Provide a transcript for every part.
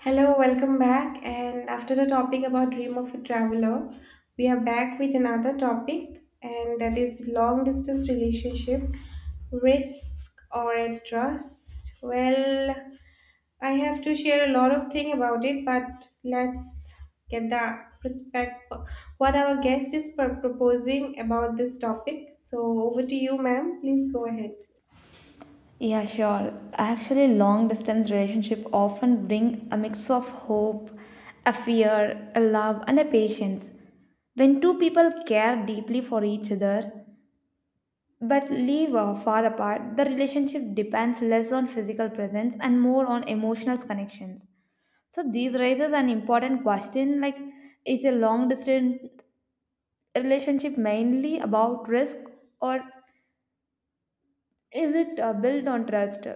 Hello, welcome back. And after the topic about Dream of a Traveler, we are back with another topic, and that is long distance relationship, risk or a trust. Well, I have to share a lot of thing about it, but let's get the perspective what our guest is proposing about this topic. So over to you, ma'am. Please go ahead. Yeah, sure. Actually, long distance relationship often bring a mix of hope, a fear, a love, and a patience. When two people care deeply for each other but live far apart, the relationship depends less on physical presence and more on emotional connections. So this raises an important question like is a long distance relationship mainly about risk or is it built on trust?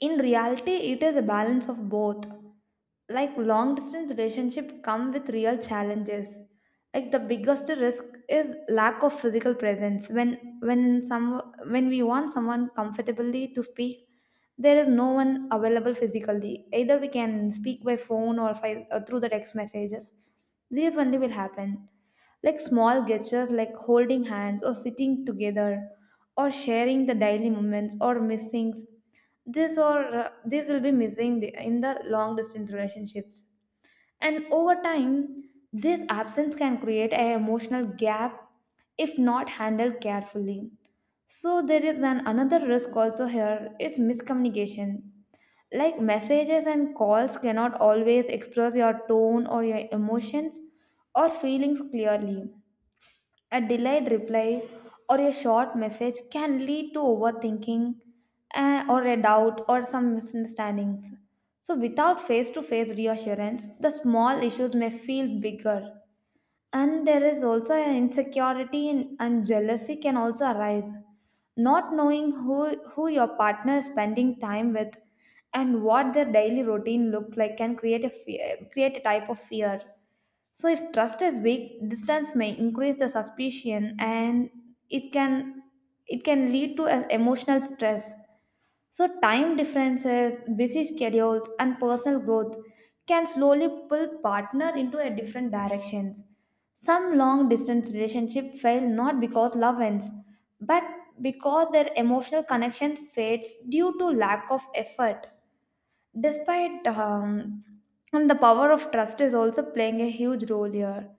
In reality, it is a balance of both. Like, long distance relationship come with real challenges. Like the biggest risk is lack of physical presence. When we want someone comfortably to speak, there is no one available physically. Either we can speak by phone or, or through the text messages, these only will happen. Like small gestures like holding hands or sitting together or sharing the daily moments or missings, this will be missing in the long distance relationships. And over time this absence can create an emotional gap if not handled carefully. So there is an another risk also here, is miscommunication. Like messages and calls cannot always express your tone or your emotions or feelings clearly. A delayed reply or a short message can lead to overthinking, or a doubt or some misunderstandings. So, without face to face reassurance, the small issues may feel bigger. And there is also an insecurity, and jealousy can also arise. Not knowing who your partner is spending time with and what their daily routine looks like can create a fear, create a type of fear. So, if trust is weak, distance may increase the suspicion, and it can it can lead to emotional stress. So, time differences, busy schedules, and personal growth can slowly pull partner into a different directions. Some long distance relationship fail not because love ends, but because their emotional connection fades due to lack of effort. Despite And the power of trust is also playing a huge role here.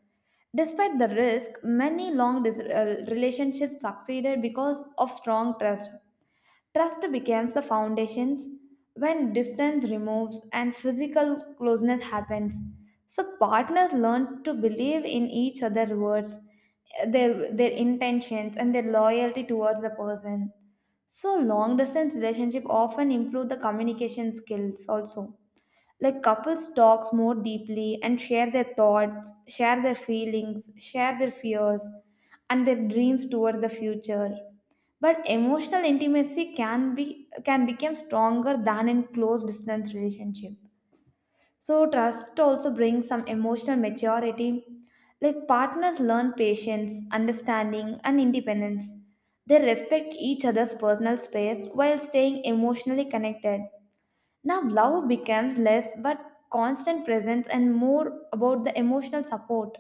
Despite the risk, many relationships succeeded because of strong trust. Trust becomes the foundations when distance removes and physical closeness happens. So partners learn to believe in each other's words, their intentions and their loyalty towards the person. So long distance relationship often improve the communication skills also. Like couples talks more deeply and share their thoughts, share their feelings, share their fears and their dreams towards the future. But emotional intimacy can be can become stronger than in close distance relationship. So trust also brings some emotional maturity. Like partners learn patience, understanding, and independence. They respect each other's personal space while staying emotionally connected. Now, love becomes less but constant presence and more about the emotional support.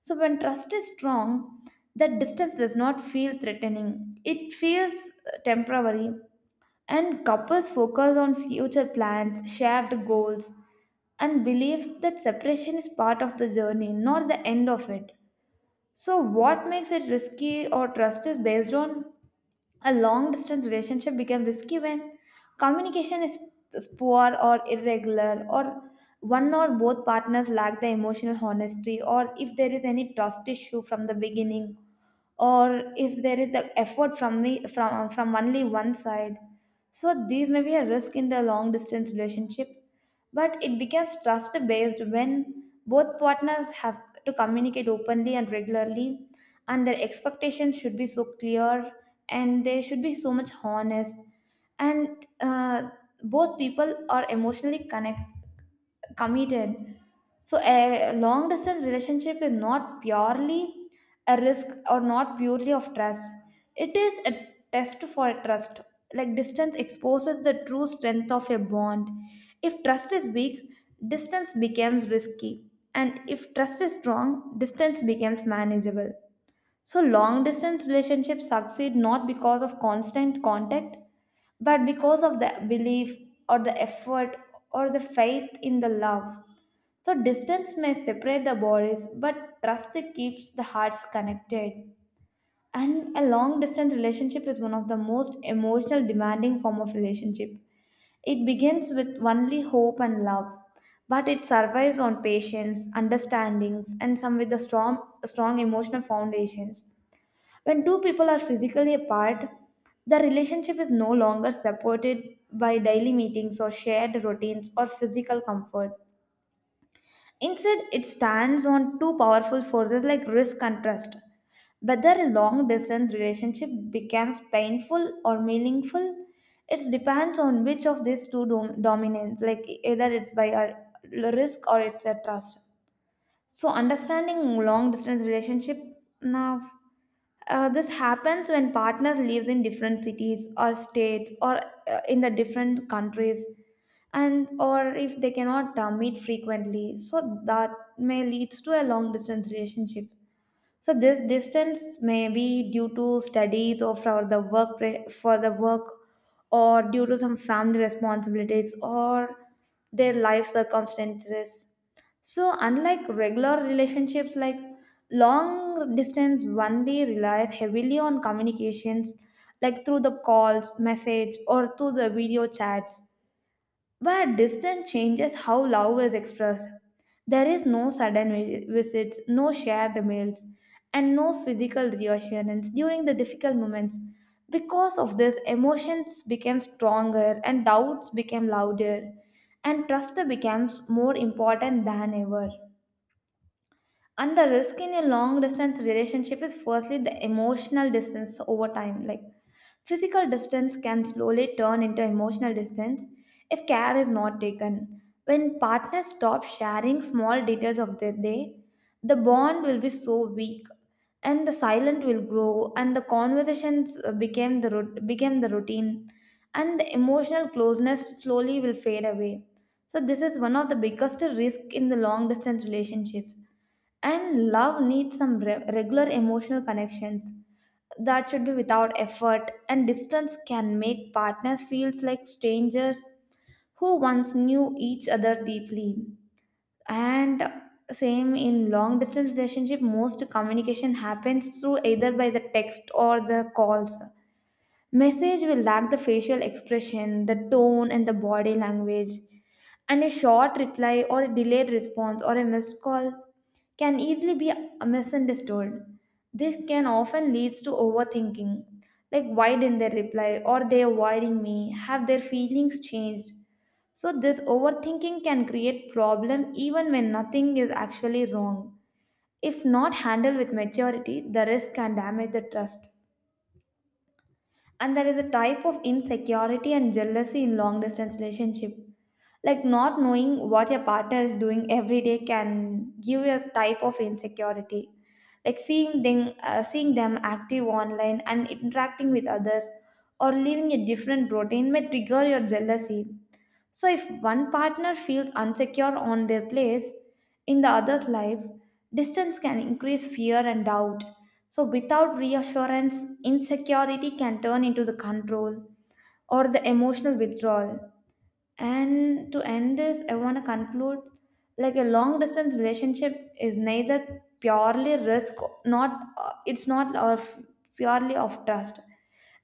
So, when trust is strong, that distance does not feel threatening, it feels temporary. And couples focus on future plans, shared goals, and believes that separation is part of the journey, not the end of it. So, what makes it risky or trust is based on, a long distance relationship becomes risky when communication is poor or irregular, or one or both partners lack the emotional honesty, or if there is any trust issue from the beginning, or if there is the effort from me from only one side. So these may be a risk in the long distance relationship. But it becomes trust based when both partners have to communicate openly and regularly, and their expectations should be so clear, and they should be so much honest, and both people are emotionally connected, committed. So a long distance relationship is not purely a risk or not purely of trust. It is a test for trust. Like distance exposes the true strength of a bond. If trust is weak, distance becomes risky. And if trust is strong, distance becomes manageable. So, long distance relationships succeed not because of constant contact, but because of the belief or the effort or the faith in the love. So, distance may separate the bodies, but trust keeps the hearts connected. And a long distance relationship is one of the most emotional demanding form of relationship. It begins with only hope and love, but it survives on patience, understandings, and some with the strong, strong emotional foundations. When two people are physically apart, the relationship is no longer supported by daily meetings or shared routines or physical comfort. Instead, it stands on two powerful forces like risk and trust. Whether a long distance relationship becomes painful or meaningful, it depends on which of these two dominance, like either it's by a risk or it's a trust. So, understanding long distance relationship now, this happens when partners lives in different cities or states, or in the different countries, and or if they cannot meet frequently, so that may leads to a long distance relationship. So this distance may be due to studies or for the for the work, or due to some family responsibilities or their life circumstances. So unlike regular relationships, like long distance only relies heavily on communications, like through the calls, message, or through the video chats. But distance changes how love is expressed. There is no sudden visits, no shared meals, and no physical reassurance during the difficult moments. Because of this, emotions became stronger and doubts became louder, and trust becomes more important than ever. And the risk in a long distance relationship is firstly the emotional distance over time. Like physical distance can slowly turn into emotional distance if care is not taken. When partners stop sharing small details of their day, the bond will be so weak, and the silent will grow, and the conversations became the routine, and the emotional closeness slowly will fade away. So this is one of the biggest risk in the long distance relationships. And love needs some regular emotional connections that should be without effort, and distance can make partners feels like strangers who once knew each other deeply. And same in long distance relationship, most communication happens through either by the text or the calls. Message will lack the facial expression, the tone, and the body language. And a short reply or a delayed response or a missed call can easily be misunderstood. This can often lead to overthinking, like why didn't they reply, or they avoiding me? Have their feelings changed? So this overthinking can create problem even when nothing is actually wrong. If not handled with maturity, the risk can damage the trust. And there is a type of insecurity and jealousy in long distance relationship. Like not knowing what your partner is doing every day can give you a type of insecurity. Like seeing them active online and interacting with others, or living a different routine may trigger your jealousy. So, if one partner feels insecure on their place in the other's life, distance can increase fear and doubt. So, without reassurance, insecurity can turn into the control or the emotional withdrawal. And to end this, I want to conclude, like a long distance relationship is neither purely risk, not it's not of purely of trust.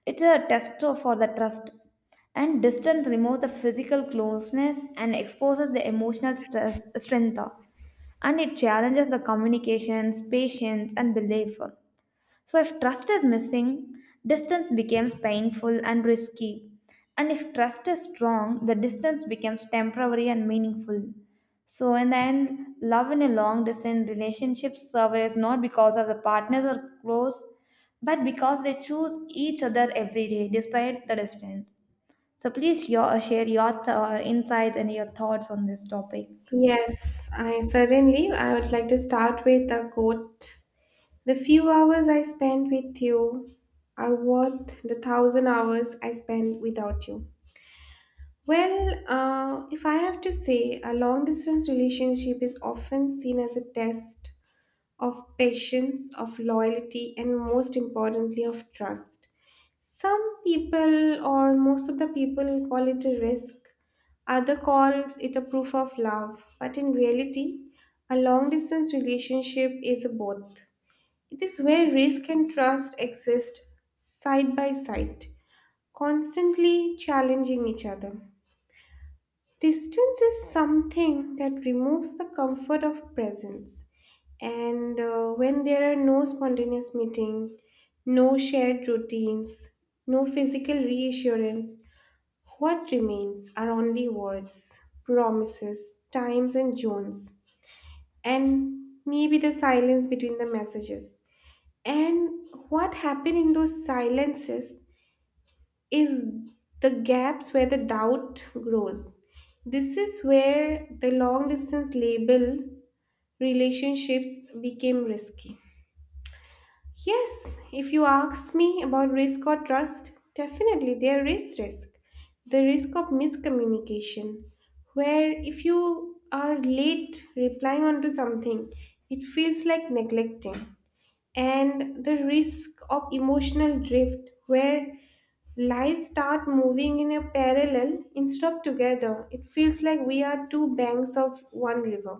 It's a test for the trust. And distance removes the physical closeness and exposes the emotional stress, strength. And it challenges the communications, patience, and belief. So, if trust is missing, distance becomes painful and risky. And if trust is strong, the distance becomes temporary and meaningful. So, in the end, love in a long distance relationship survives not because of the partners are close, but because they choose each other every day despite the distance. So, please your, share your insights and your thoughts on this topic. Yes, I certainly. I would like to start with a quote. The few hours I spent with you are worth the thousand hours I spent without you. Well, if I have to say, a long distance relationship is often seen as a test of patience, of loyalty, and most importantly, of trust. Some people, or most of the people, call it a risk. Other calls it a proof of love. But in reality, a long distance relationship is a both. It is where risk and trust exist side by side, constantly challenging each other. Distance is something that removes the comfort of presence. And when there are no spontaneous meeting, no shared routines, no physical reassurance, what remains are only words, promises, times and zones, and maybe the silence between the messages. And what happened in those silences is the gaps where the doubt grows. This is where the long distance label relationships became risky. Yes, if you ask me about risk or trust, definitely there is risk. The risk of miscommunication, where if you are late replying onto something, it feels like neglecting, and the risk of emotional drift where lives start moving in a parallel instead of together. It feels like we are two banks of one river.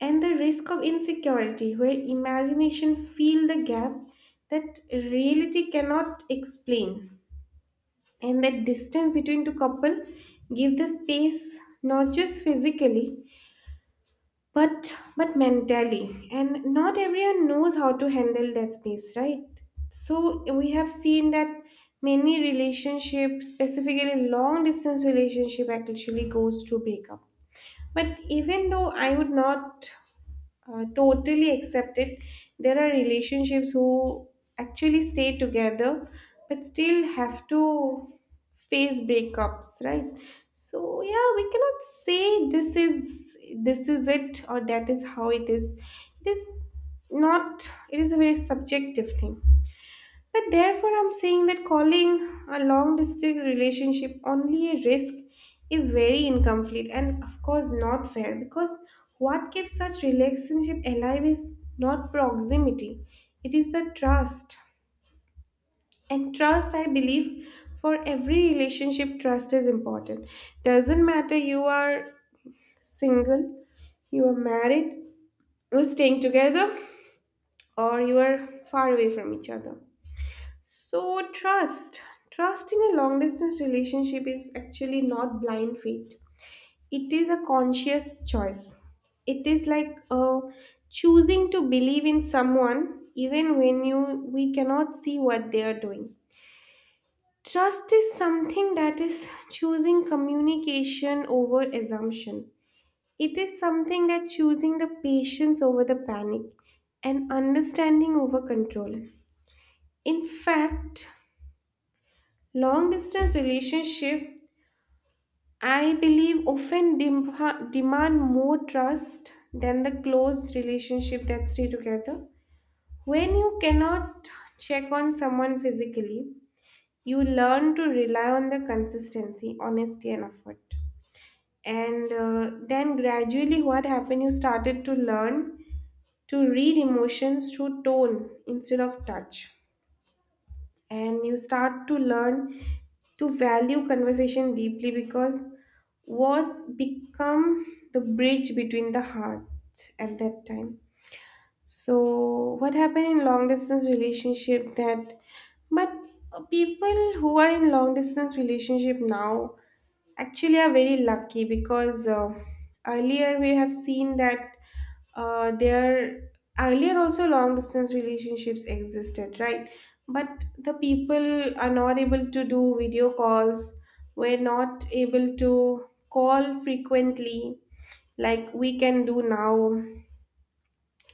And the risk of insecurity where imagination fill the gap that reality cannot explain. And that distance between two couple give the space, not just physically but mentally, and not everyone knows how to handle that space right. So we have seen that many relationships, specifically long distance relationship, actually goes through breakup, but even though I would not totally accept it. There are relationships who actually stay together but still have to face breakups, right? So yeah, we cannot say this is it or that is how it is. It is not. It is a very subjective thing. But therefore, I'm saying that calling a long distance relationship only a risk is very incomplete and, of course, not fair, because what keeps such relationship alive is not proximity, it is the trust. And trust, I believe, for every relationship, trust is important. Doesn't matter you are single, you are married, you're staying together, or you are far away from each other. So, trust. Trust in a long distance relationship is actually not blind faith. It is a conscious choice. It is like choosing to believe in someone even when you we cannot see what they are doing. Trust is something that is choosing communication over assumption. It is something that choosing the patience over the panic and understanding over control. In fact, long distance relationship, I believe, often demand more trust than the close relationship that stay together. When you cannot check on someone physically, you learn to rely on the consistency, honesty, and effort. And then gradually, what happened? You started to learn to read emotions through tone instead of touch. And you start to learn to value conversation deeply because words become the bridge between the hearts at that time. So what happened in long distance relationship that, but, people who are in long distance relationship now actually are very lucky because, earlier we have seen that there, earlier also long distance relationships existed, right? But the people are not able to do video calls. We're not able to call frequently like we can do now.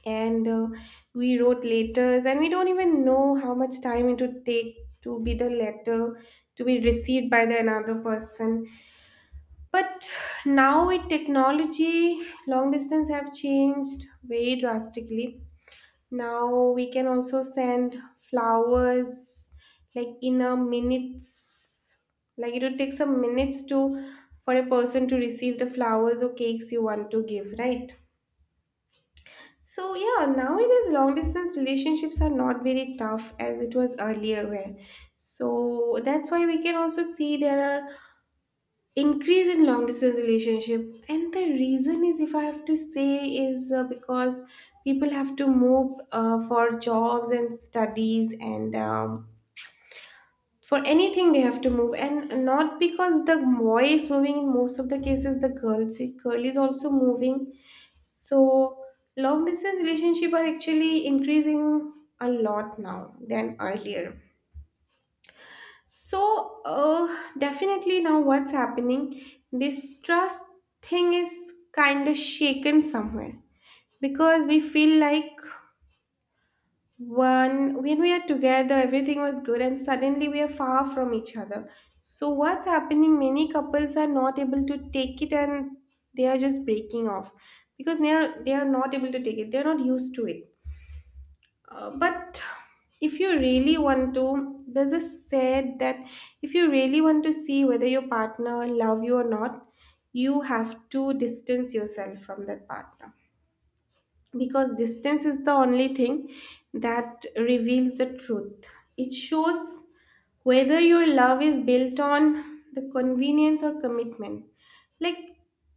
And we wrote letters and we don't even know how much time it would take to be the letter to be received by the another person. But now with technology, long distance have changed very drastically. Now we can also send flowers, like in a minutes. Like it would take some minutes to, for a person to receive the flowers or cakes you want to give, right? So yeah, nowadays long distance relationships are not very tough as it was earlier where. So that's why we can also see there are increase in long distance relationship, and the reason is, if I have to say, is, because people have to move, for jobs and studies and, for anything they have to move, and not because the boy is moving. In most of the cases, the girl, see, girl is also moving. So long distance relationship are actually increasing a lot now than earlier. So, definitely now what's happening? This trust thing is kind of shaken somewhere, because we feel like, one, when we are together everything was good and suddenly we are far from each other. So what's happening? Many couples are not able to take it, and they are just breaking off because they are not able to take it. They are not used to it. But if you really want to, there's a said that if you really want to see whether your partner love you or not, you have to distance yourself from that partner, because distance is the only thing that reveals the truth. It shows whether your love is built on the convenience or commitment. Like,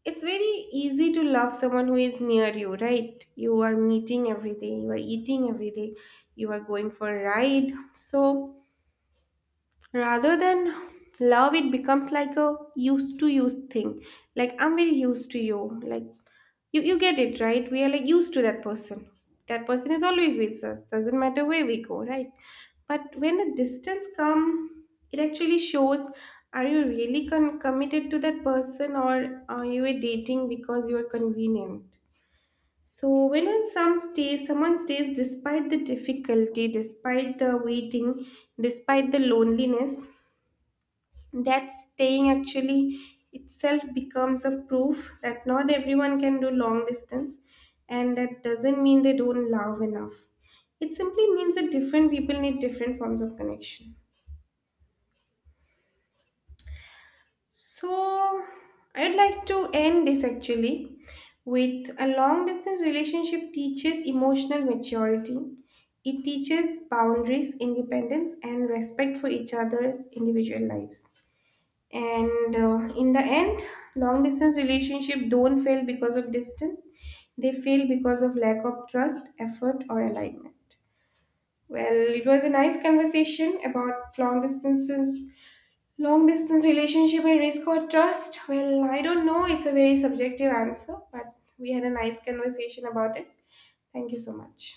it's very easy to love someone who is near you, right? You are meeting every day, you are eating every day, you are going for a ride. So, rather than love, it becomes like a used to use thing. Like, I'm very used to you. Like, you get it, right? We are like used to that person. That person is always with us. Doesn't matter where we go, right? But when the distance come, it actually shows, are you really committed to that person, or are you dating because you are convenient? So when in some stays, someone stays despite the difficulty, despite the waiting, despite the loneliness, that staying actually itself becomes a proof that not everyone can do long distance. And that doesn't mean they don't love enough, it simply means that different people need different forms of connection. So I'd like to end this actually with, a long distance relationship teaches emotional maturity. It teaches boundaries, independence, and respect for each other's individual lives. And in the end, long distance relationship don't fail because of distance, they fail because of lack of trust, effort, or alignment. Well, it was a nice conversation about long distance relationship and risk or trust. Well, I don't know, it's a very subjective answer, but we had a nice conversation about it. Thank you so much.